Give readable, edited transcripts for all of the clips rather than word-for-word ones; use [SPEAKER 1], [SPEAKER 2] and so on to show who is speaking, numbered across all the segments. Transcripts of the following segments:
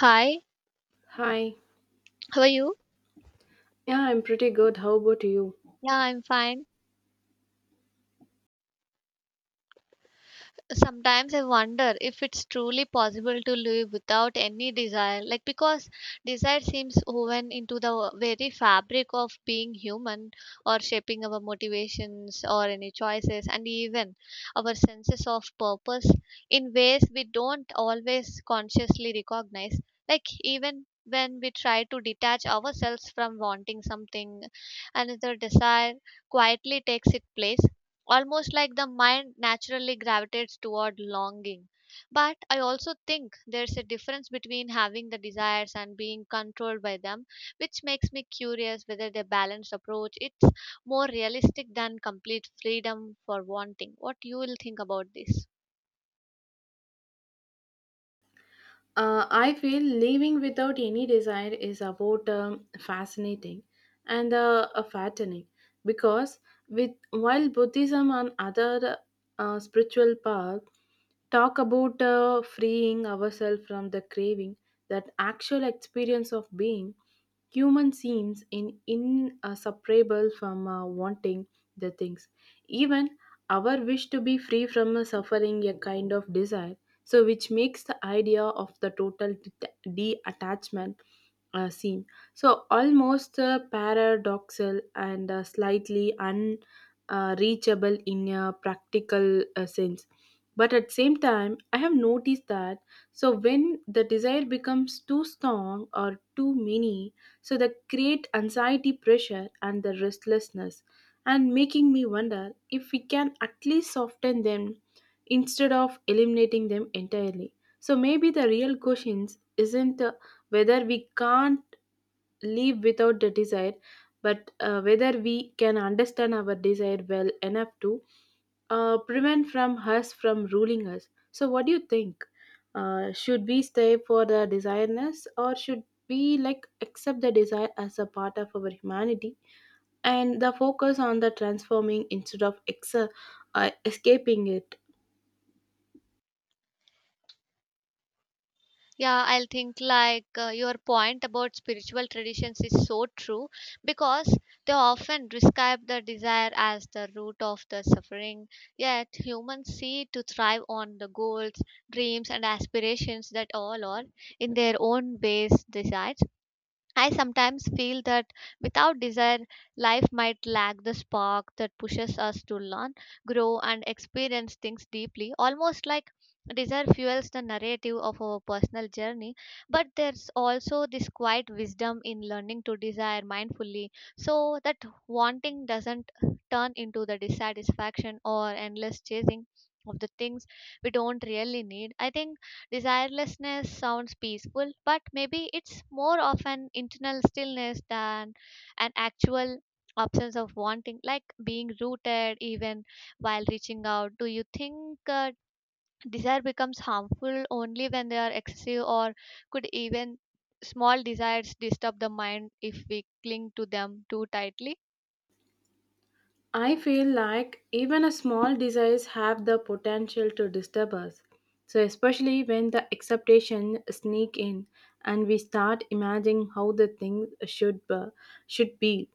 [SPEAKER 1] Hi,
[SPEAKER 2] Hi.
[SPEAKER 1] how are you?
[SPEAKER 2] Yeah, I'm pretty good. How about you?
[SPEAKER 1] Yeah, I'm fine. Sometimes I wonder if it's truly possible to live without any desire, like because desire seems woven into the very fabric of being human or shaping our motivations or any choices and even our senses of purpose in ways we don't always consciously recognize, like even when we try to detach ourselves from wanting something, another desire quietly takes its place almost like the mind naturally gravitates toward longing. But I also think there's a difference between having the desires and being controlled by them, which makes me curious whether the balanced approach it's more realistic than complete freedom for wanting. What you will think about this?
[SPEAKER 2] I feel living without any desire is about fascinating and fattening because with while Buddhism and other spiritual paths talk about freeing ourselves from the craving, that actual experience of being human seems in inseparable from wanting the things. Even our wish to be free from suffering, a kind of desire, so which makes the idea of the total detachment scene. So almost paradoxical and slightly unreachable uh, in a practical sense. But at the same time, I have noticed that so when the desire becomes too strong or too many, so they create anxiety, pressure, and the restlessness, and making me wonder if we can at least soften them instead of eliminating them entirely. So maybe the real question isn't whether we can't live without the desire but whether we can understand our desire well enough to prevent from us from ruling us. So what do you think, should we stay for the desireness or should we like accept the desire as a part of our humanity and the focus on the transforming instead of escaping it?
[SPEAKER 1] Yeah, I'll think like your point about spiritual traditions is so true because they often describe the desire as the root of the suffering. Yet humans seek to thrive on the goals, dreams, and aspirations that all are in their own base desires. I sometimes feel that without desire, life might lack the spark that pushes us to learn, grow, and experience things deeply. Almost like desire fuels the narrative of our personal journey, but there's also this quiet wisdom in learning to desire mindfully so that wanting doesn't turn into the dissatisfaction or endless chasing of the things we don't really need. I think desirelessness sounds peaceful, but maybe it's more of an internal stillness than an actual absence of wanting, like being rooted even while reaching out. Do you think desire becomes harmful only when they are excessive, or could even small desires disturb the mind if we cling to them too tightly?
[SPEAKER 2] I feel like even a small desires have the potential to disturb us. So especially when the expectation sneak in and we start imagining how the things should be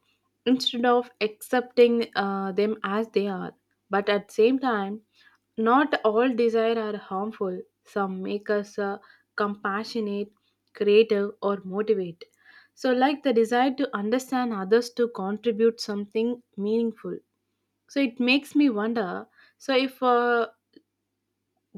[SPEAKER 2] instead of accepting them as they are. But at the same time, not all desire are harmful. Some make us compassionate, creative, or motivate. So, like the desire to understand others to contribute something meaningful, so it makes me wonder, so if a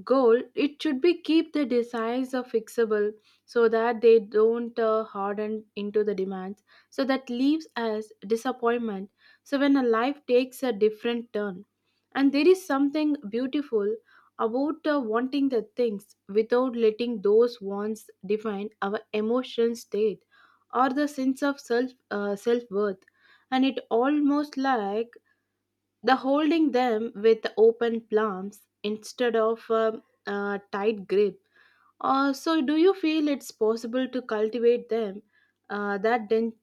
[SPEAKER 2] goal it should be keep the desires are fixable so that they don't harden into the demands so that leaves us disappointment so when a life takes a different turn, and there is something beautiful about wanting the things without letting those wants define our emotion state or the sense of self worth. And it almost like the holding them with open palms instead of tight grip. So, do you feel it's possible to cultivate them, uh, that den-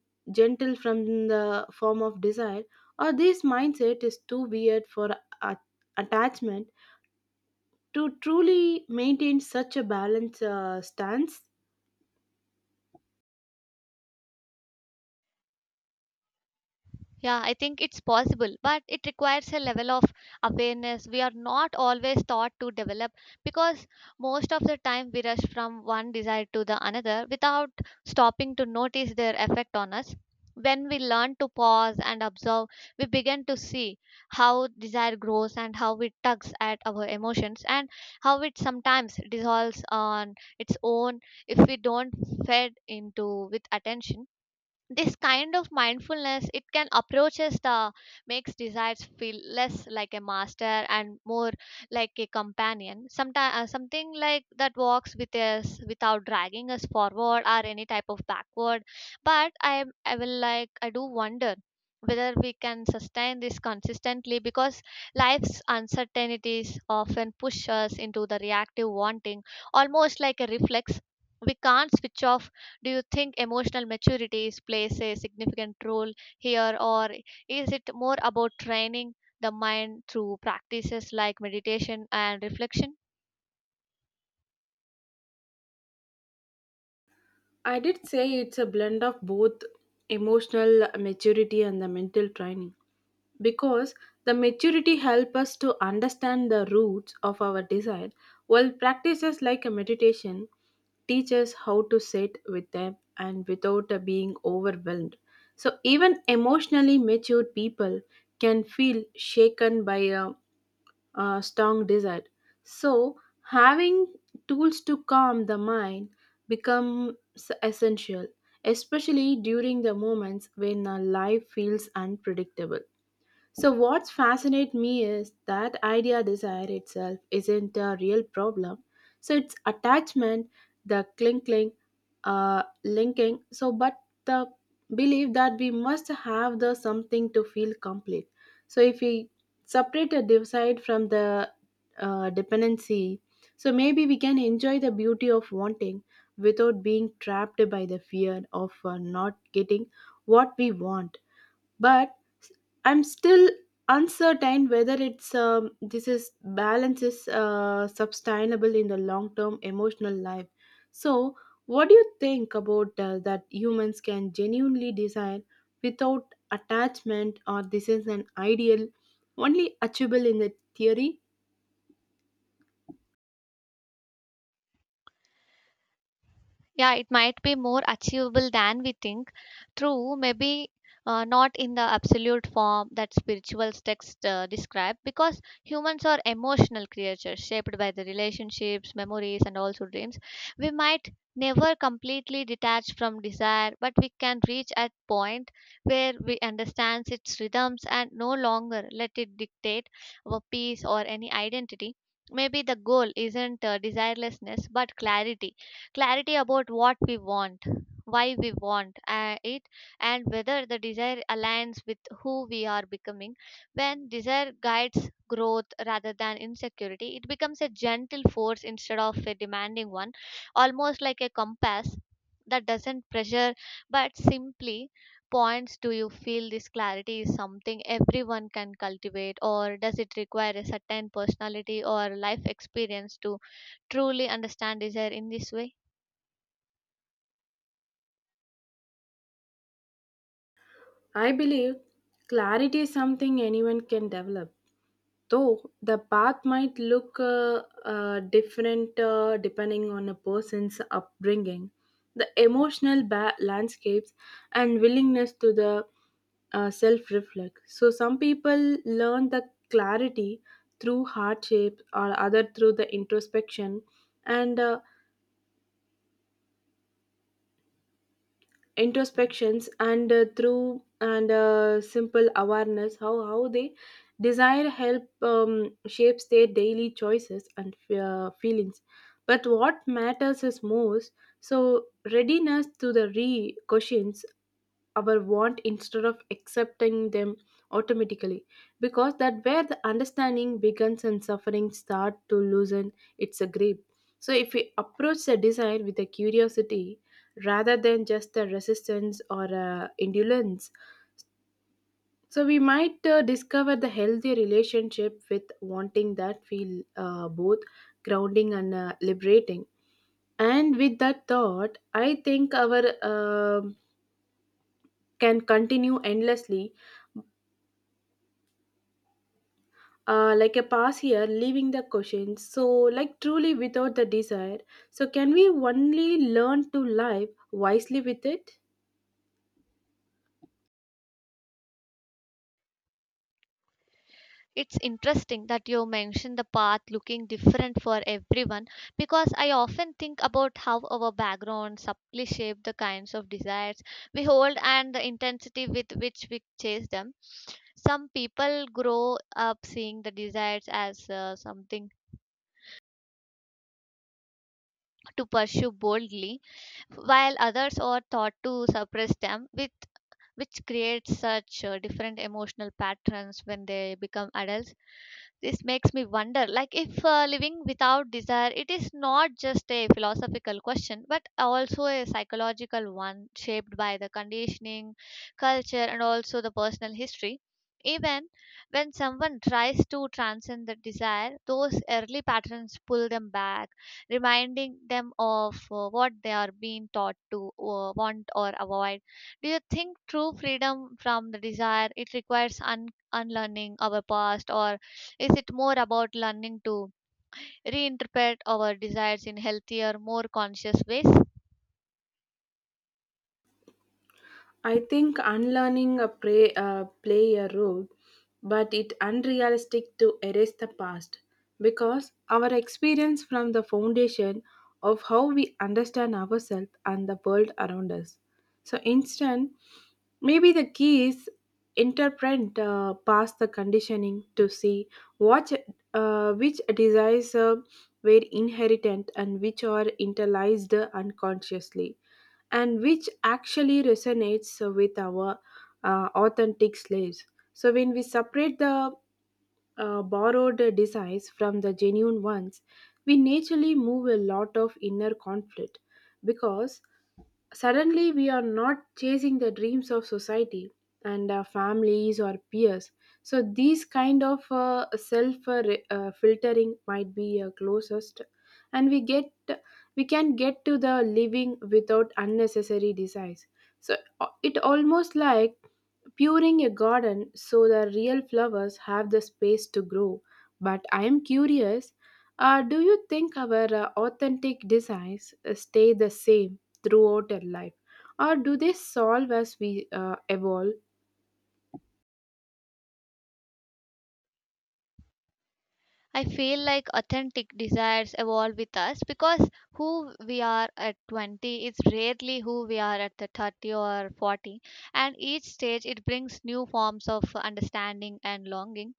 [SPEAKER 2] gentle from the form of desire, or this mindset is too weird for a- attachment to truly maintain such a balanced stance?
[SPEAKER 1] Yeah, I think it's possible, but it requires a level of awareness we are not always taught to develop because most of the time we rush from one desire to the another without stopping to notice their effect on us. When we learn to pause and observe, we begin to see how desire grows and how it tugs at our emotions and how it sometimes dissolves on its own if we don't fed into with attention. This kind of mindfulness it can approaches the makes desires feel less like a master and more like a companion, sometimes something like that walks with us without dragging us forward or any type of backward, but I will like I do wonder whether we can sustain this consistently because life's uncertainties often push us into the reactive wanting almost like a reflex we can't switch off. Do you think emotional plays a significant role here, or is it more about training the mind through practices like meditation and reflection?
[SPEAKER 2] I did say it's a blend of both emotional maturity and the mental training. Because the maturity helps us to understand the roots of our desire while practices like a meditation teach us how to sit with them and without being overwhelmed. So even emotionally mature people can feel shaken by a strong desire, so having tools to calm the mind becomes essential especially during the moments when our life feels unpredictable. So, what fascinates me is that idea desire itself isn't a real problem. So, it's attachment, the linking. So, but the belief that we must have the something to feel complete. So, if we separate a desire from the dependency, so maybe we can enjoy the beauty of wanting without being trapped by the fear of not getting what we want. But I'm still uncertain whether it's this is balance is sustainable in the long term emotional life. So, what do you think about that humans can genuinely desire without attachment, or this is an ideal only achievable in the theory?
[SPEAKER 1] Yeah, it might be more achievable than we think. True, maybe not in the absolute form that spiritual texts describe because humans are emotional creatures shaped by the relationships, memories and also dreams. We might never completely detach from desire, but we can reach a point where we understand its rhythms and no longer let it dictate our peace or any identity. Maybe the goal isn't desirelessness but clarity. Clarity about what we want, why we want it, and whether the desire aligns with who we are becoming. When desire guides growth rather than insecurity, it becomes a gentle force instead of a demanding one, almost like a compass that doesn't pressure but simply points. Do you feel this clarity is something everyone can cultivate, or does it require a certain personality or life experience to truly understand desire in this way?
[SPEAKER 2] I believe clarity is something anyone can develop, though the path might look different depending on a person's upbringing, the emotional landscapes and willingness to the self reflect. So, some people learn the clarity through hardship or other through the introspection and introspections and through and simple awareness how they desire help shapes their daily choices and feelings. But what matters is most so readiness to the re questions our want instead of accepting them automatically, because that where the understanding begins and suffering start to loosen its grip. So if we approach the desire with a curiosity rather than just a resistance or a indolence, so we might discover the healthy relationship with wanting that feel both grounding and liberating. And with that thought, I think our um can continue endlessly, like a pass here, leaving the questions. So, like truly without the desire. So, can we only learn to live wisely with it?
[SPEAKER 1] It's interesting that you mentioned the path looking different for everyone because I often think about how our background subtly shape the kinds of desires we hold and the intensity with which we chase them. Some people grow up seeing the desires as something to pursue boldly, while others are taught to suppress them, with, which creates such different emotional patterns when they become adults. This makes me wonder like if living without desire it is not just a philosophical question but also a psychological one shaped by the conditioning, culture and also the personal history. Even when someone tries to transcend the desire, those early patterns pull them back, reminding them of what they are being taught to want or avoid. Do you think true freedom from the desire it requires unlearning our past, or is it more about learning to reinterpret our desires in healthier, more conscious ways?
[SPEAKER 2] I think unlearning a play a role, but it unrealistic to erase the past because our experience from the foundation of how we understand ourselves and the world around us. So instead, maybe the key is interpret past the conditioning to see what, which desires were inherited and which are internalized unconsciously and which actually resonates with our authentic slaves. So, when we separate the borrowed desires from the genuine ones, we naturally move a lot of inner conflict because suddenly, we are not chasing the dreams of society and our families or peers. So, these kind of self filtering might be closest, and we can get to the living without unnecessary desires. So, it almost like puring a garden so the real flowers have the space to grow. But I am curious, do you think our authentic designs stay the same throughout our life? Or do they solve as we evolve?
[SPEAKER 1] I feel like authentic desires evolve with us because who we are at 20 is rarely who we are at the 30 or 40, and each stage it brings new forms of understanding and longing.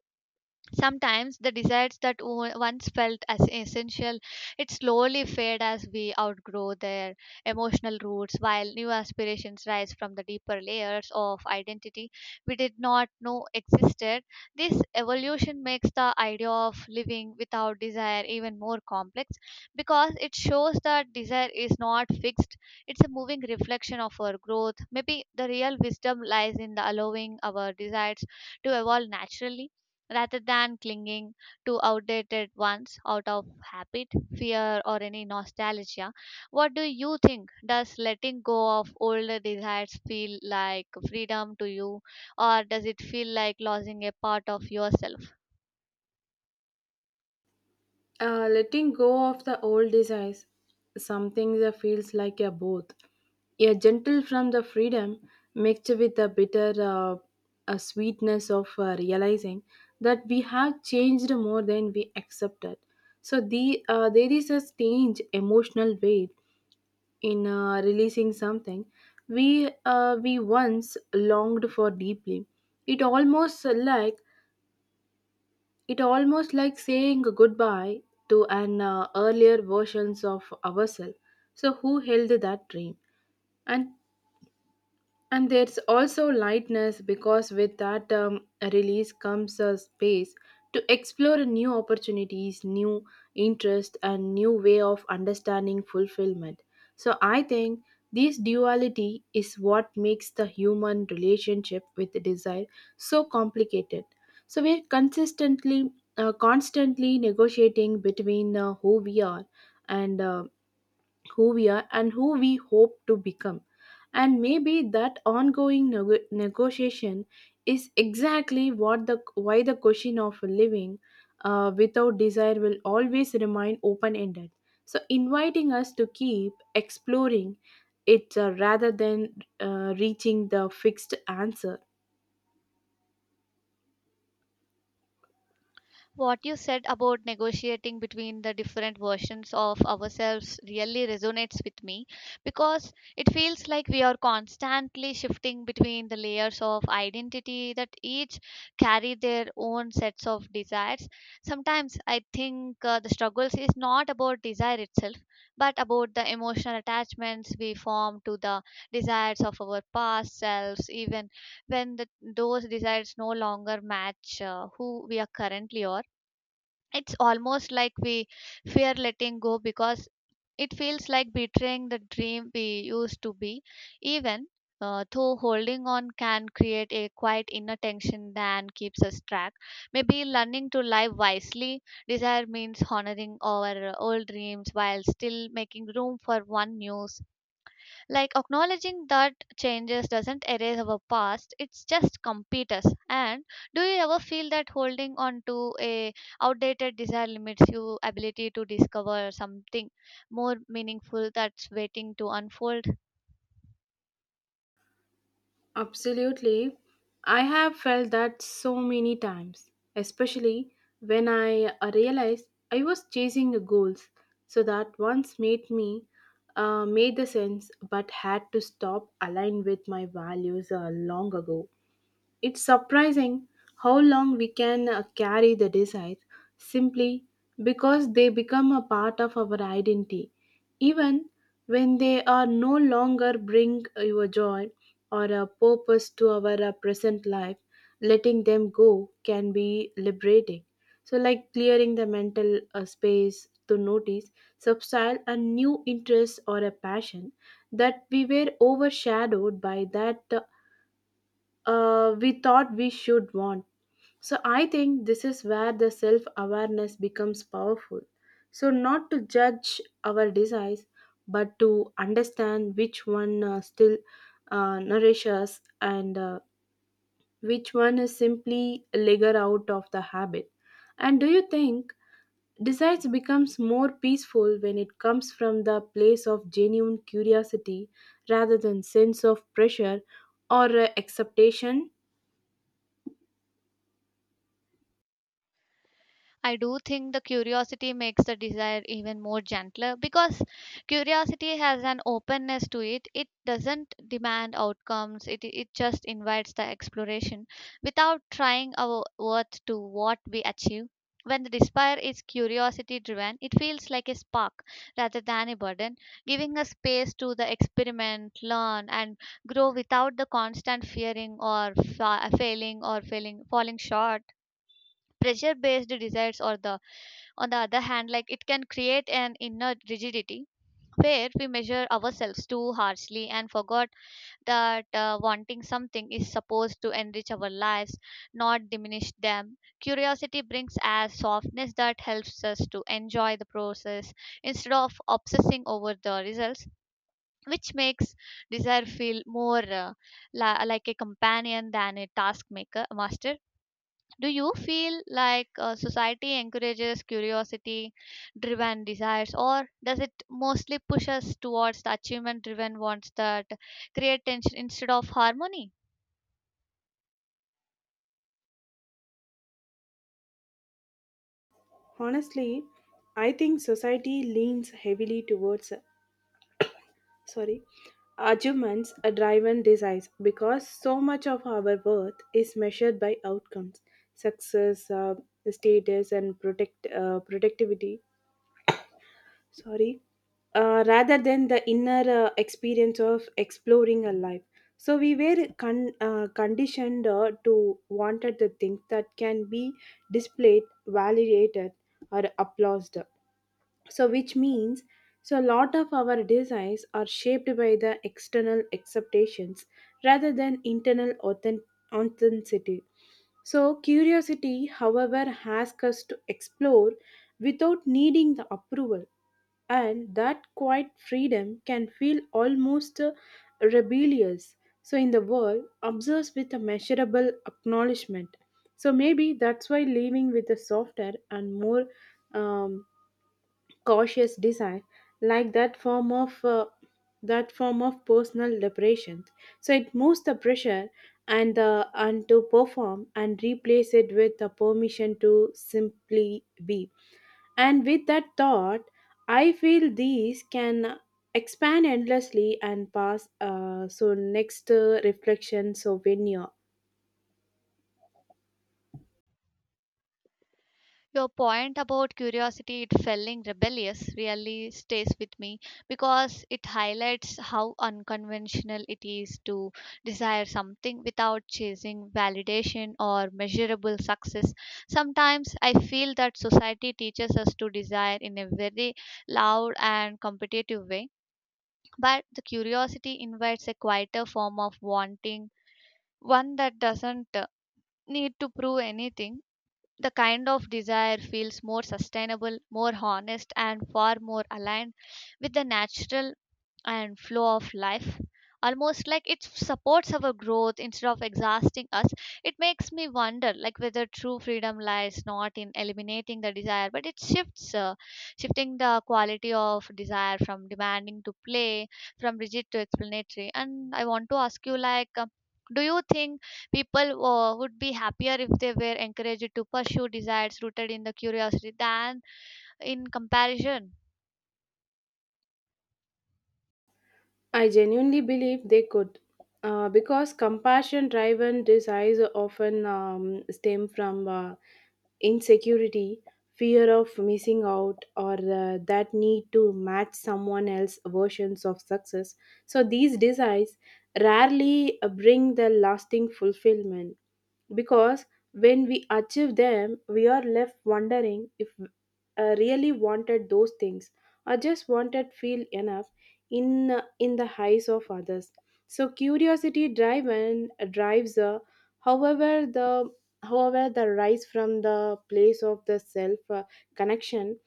[SPEAKER 1] Sometimes the desires that once felt as essential, it slowly fade as we outgrow their emotional roots, while new aspirations rise from the deeper layers of identity we did not know existed. This evolution makes the idea of living without desire even more complex because it shows that desire is not fixed, it's a moving reflection of our growth. Maybe the real wisdom lies in the allowing our desires to evolve naturally rather than clinging to outdated ones out of habit, fear, or any nostalgia. What do you think? Does letting go of older desires feel like freedom to you, or does it feel like losing a part of yourself?
[SPEAKER 2] Letting go of the old desires, something that feels like a both. A gentle from the freedom mixed with the bitter sweetness of realizing that we have changed more than we accepted. So there is a strange emotional weight in releasing something we once longed for deeply. It almost like it almost like saying goodbye to an earlier versions of ourselves. So who held that dream? And and there's also lightness because with that release comes a space to explore new opportunities, new interest, and new way of understanding fulfillment. So I think this duality is what makes the human relationship with desire so complicated. So we're constantly negotiating between and uh, who we are and who we hope to become. And maybe that ongoing negotiation is exactly what the why the question of living without desire will always remain open ended. So, inviting us to keep exploring it rather than reaching the fixed answer.
[SPEAKER 1] What you said about negotiating between the different versions of ourselves really resonates with me because it feels like we are constantly shifting between the layers of identity that each carry their own sets of desires. Sometimes I think the struggles is not about desire itself but about the emotional attachments we form to the desires of our past selves, even when the, those desires no longer match who we are currently are. It's almost like we fear letting go because it feels like betraying the dream we used to be. Even though holding on can create a quiet inner tension that keeps us track, maybe learning to live wisely, desire means honoring our old dreams while still making room for one news, like acknowledging that changes doesn't erase our past, it's just compete us. And do you ever feel that holding on to a outdated desire limits your ability to discover something more meaningful that's waiting to unfold?
[SPEAKER 2] Absolutely. I have felt that so many times, especially when I realized I was chasing the goals. So that once made me made the sense, but had to stop aligned with my values long ago. It's surprising how long we can carry the disease simply because they become a part of our identity, even when they are no longer bring your joy or a purpose to our present life. Letting them go can be liberating. So, like clearing the mental space to notice, substyle a new interest or a passion that we were overshadowed by that we thought we should want. So I think this is where the self awareness becomes powerful. So, not to judge our desires, but to understand which one still nourish us and which one is simply a leger out of the habit. And do you think desires becomes more peaceful when it comes from the place of genuine curiosity rather than sense of pressure or acceptation?
[SPEAKER 1] I do think the curiosity makes the desire even more gentler because curiosity has an openness to it. It doesn't demand outcomes, it just invites the exploration without trying our worth to what we achieve. When the desire is curiosity driven, it feels like a spark rather than a burden, giving us space to the experiment, learn, and grow without the constant fearing or failing or falling short. Pressure based desires or the, on the other hand, like it can create an inner rigidity where we measure ourselves too harshly and forgot that wanting something is supposed to enrich our lives not diminish them. Curiosity brings us softness that helps us to enjoy the process instead of obsessing over the results, which makes desire feel more like a companion than a task maker master. Do you feel like society encourages curiosity driven desires, or does it mostly push us towards the achievement driven ones that create tension instead of harmony?
[SPEAKER 2] Honestly, I think society leans heavily towards sorry arguments are driven desires because so much of our worth is measured by outcomes, success, status, and protect productivity, sorry, rather than the inner experience of exploring a life. So we were conditioned to wanted the things that can be displayed validated or applauded, so which means so a lot of our desires are shaped by the external acceptations rather than internal authenticity. So curiosity however asks us to explore without needing the approval, and that quiet freedom can feel almost rebellious. So, in the world, observes with a measurable acknowledgement. So, maybe that's why living with a softer and more um, cautious design, like that form of personal liberation, so it moves the pressure and to perform and replace it with the permission to simply be. And with that thought, I feel these can expand endlessly and pass so next reflection souvenir.
[SPEAKER 1] Your point about curiosity, it feeling rebellious, really stays with me because it highlights how unconventional it is to desire something without chasing validation or measurable success. Sometimes I feel that society teaches us to desire in a very loud and competitive way, but the curiosity invites a quieter form of wanting, one that doesn't need to prove anything. The kind of desire feels more sustainable, more honest, and far more aligned with the natural and flow of life, almost like it supports our growth instead of exhausting us. It makes me wonder like whether true freedom lies not in eliminating the desire but it shifts shifting the quality of desire from demanding to play, from rigid to explanatory. And I want to ask you like do you think people would be happier if they were encouraged to pursue desires rooted in the curiosity than in comparison?
[SPEAKER 2] I genuinely believe they could, because compassion driven desires often stem from insecurity, fear of missing out, or that need to match someone else's versions of success. So these desires rarely bring the lasting fulfillment because when we achieve them, we are left wondering if I really wanted those things or just wanted feel enough in the eyes of others. So curiosity drive and drives however the however the rise from the place of the self connection,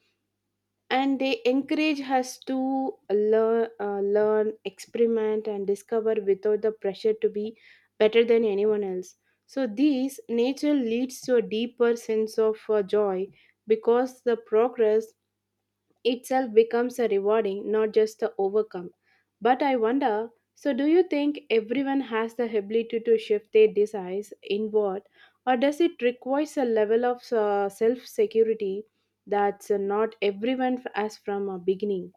[SPEAKER 2] and they encourage us to learn experiment and discover without the pressure to be better than anyone else. So these nature leads to a deeper sense of joy because the progress itself becomes a rewarding, not just the overcome. But I wonder so, do you think everyone has the ability to shift their desires inward, or does it require a level of self security that's not everyone as from a beginning?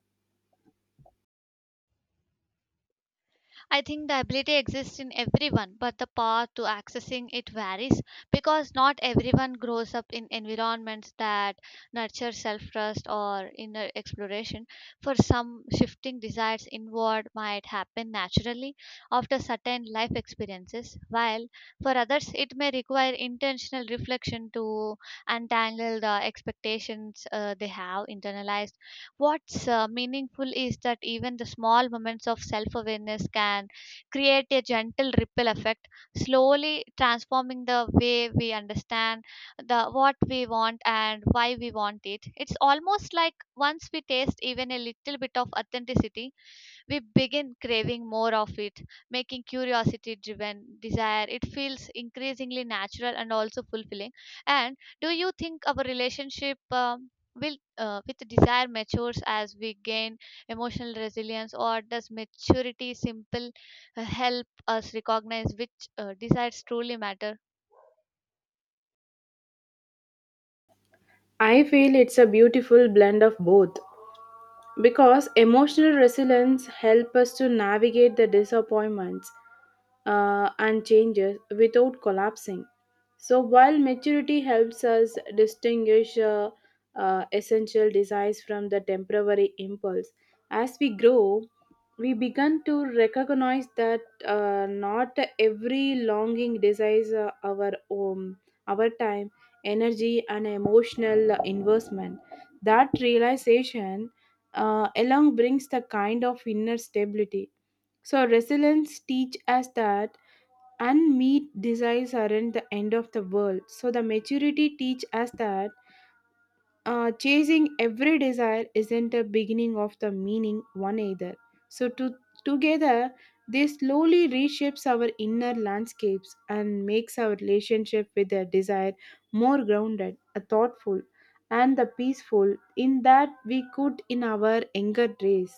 [SPEAKER 1] I think the ability exists in everyone, but the path to accessing it varies because not everyone grows up in environments that nurture self trust or inner exploration. For some, shifting desires inward might happen naturally after certain life experiences, while for others, it may require intentional reflection to untangle the expectations they have internalized. What's meaningful is that even the small moments of self awareness can create a gentle ripple effect, slowly transforming the way we understand the what we want and why we want it. It's almost like once we taste even a little bit of authenticity, we begin craving more of it, making curiosity driven desire. It feels increasingly natural and also fulfilling. And do you think our relationship will with desire matures as we gain emotional resilience, or does maturity simple help us recognize which desires truly matter?
[SPEAKER 2] I feel it's a beautiful blend of both. Because emotional resilience helps us to navigate the disappointments and changes without collapsing, so while maturity helps us distinguish essential desires from the temporary impulse. As we grow, we begin to recognize that not every longing desires our time energy and emotional investment. That realization along brings the kind of inner stability. So resilience teach us that unmet desires aren't the end of the world. So the maturity teach us that chasing every desire isn't a beginning of the meaning one either. So to, together they slowly reshapes our inner landscapes and makes our relationship with the desire more grounded, thoughtful, and the peaceful in that we could in our younger days.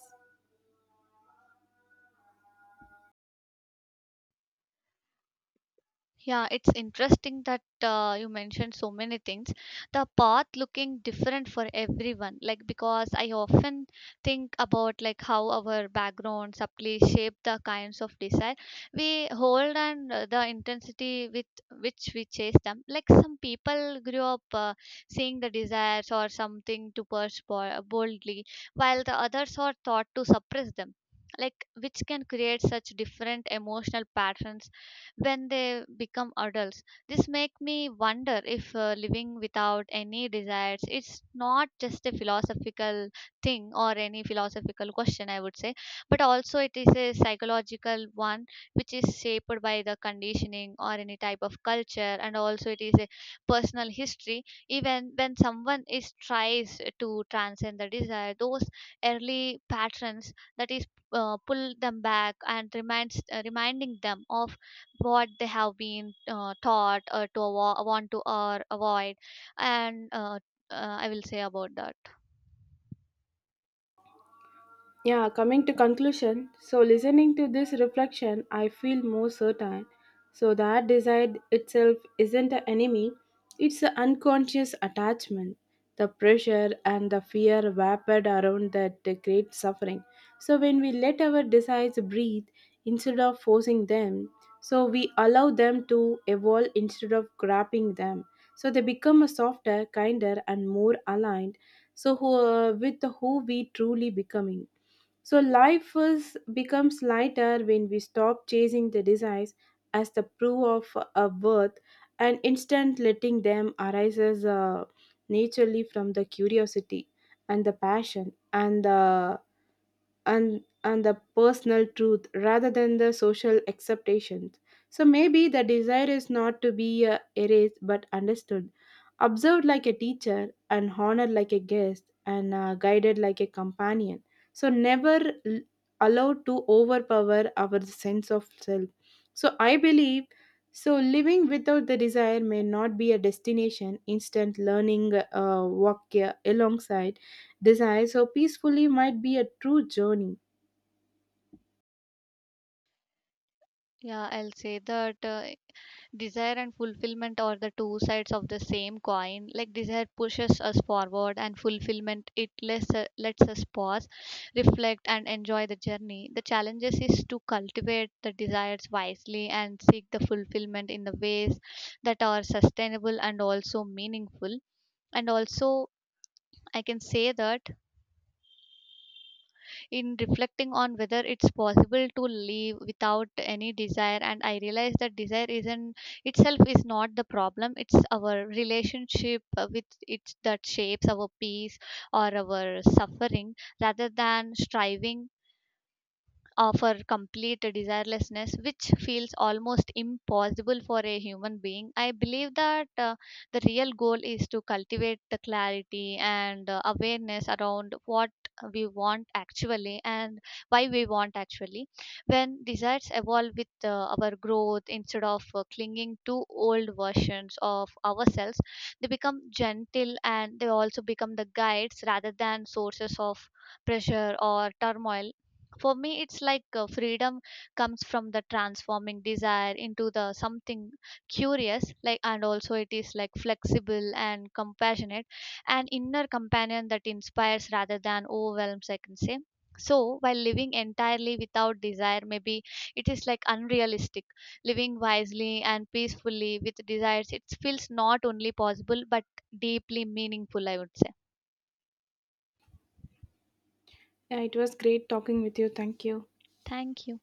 [SPEAKER 1] Yeah, it's interesting that you mentioned so many things. The path looking different for everyone, like because I often think about like how our background subtly shape the kinds of desire we hold and the intensity with which we chase them. Like some people grew up seeing the desires or something to pursue boldly, while the others are taught to suppress them. Like which can create such different emotional patterns when they become adults. This make me wonder if living without any desires it's not just a philosophical thing or any philosophical question I would say, but also it is a psychological one which is shaped by the conditioning or any type of culture, and also it is a personal history. Even when someone is tries to transcend the desire, those early patterns that is pull them back and reminds reminding them of what they have been taught or to want to or avoid. And I will say about that.
[SPEAKER 2] Yeah, coming to conclusion, so listening to this reflection, I feel more certain. So that desire itself isn't an enemy, it's an unconscious attachment. The pressure and the fear wrapped around that great suffering. So when we let our desires breathe instead of forcing them, so we allow them to evolve instead of grabbing them. So they become a softer, kinder, and more aligned. So who, with who we truly becoming. So life is, becomes lighter when we stop chasing the desires as the proof of a worth and instead letting them arises naturally from the curiosity and the passion and the personal truth rather than the social acceptations. So maybe the desire is not to be erased but understood, observed like a teacher and honored like a guest and guided like a companion, so never l- allowed to overpower our sense of self. So I believe so living without the desire may not be a destination instant learning walk alongside desire so peacefully might be a true journey.
[SPEAKER 1] Yeah, I'll say that desire and fulfillment are the two sides of the same coin, like desire pushes us forward and fulfillment lets us pause, reflect and enjoy the journey. The challenges is to cultivate the desires wisely and seek the fulfillment in the ways that are sustainable and also meaningful. And also I can say that in reflecting on whether it's possible to live without any desire, and I realized that desire isn't itself is not the problem, it's our relationship with it that shapes our peace or our suffering rather than striving offer complete desirelessness, which feels almost impossible for a human being. I believe that the real goal is to cultivate the clarity and awareness around what we want actually and why we want actually. When desires evolve with our growth instead of clinging to old versions of ourselves, they become gentle and they also become the guides rather than sources of pressure or turmoil. For me it's like freedom comes from the transforming desire into the something curious like, and also it is like flexible and compassionate, an inner companion that inspires rather than overwhelms, I can say. So while living entirely without desire maybe it is like unrealistic, living wisely and peacefully with desires it feels not only possible but deeply meaningful, I would say.
[SPEAKER 2] Yeah, it was great talking with you. Thank you.
[SPEAKER 1] Thank you.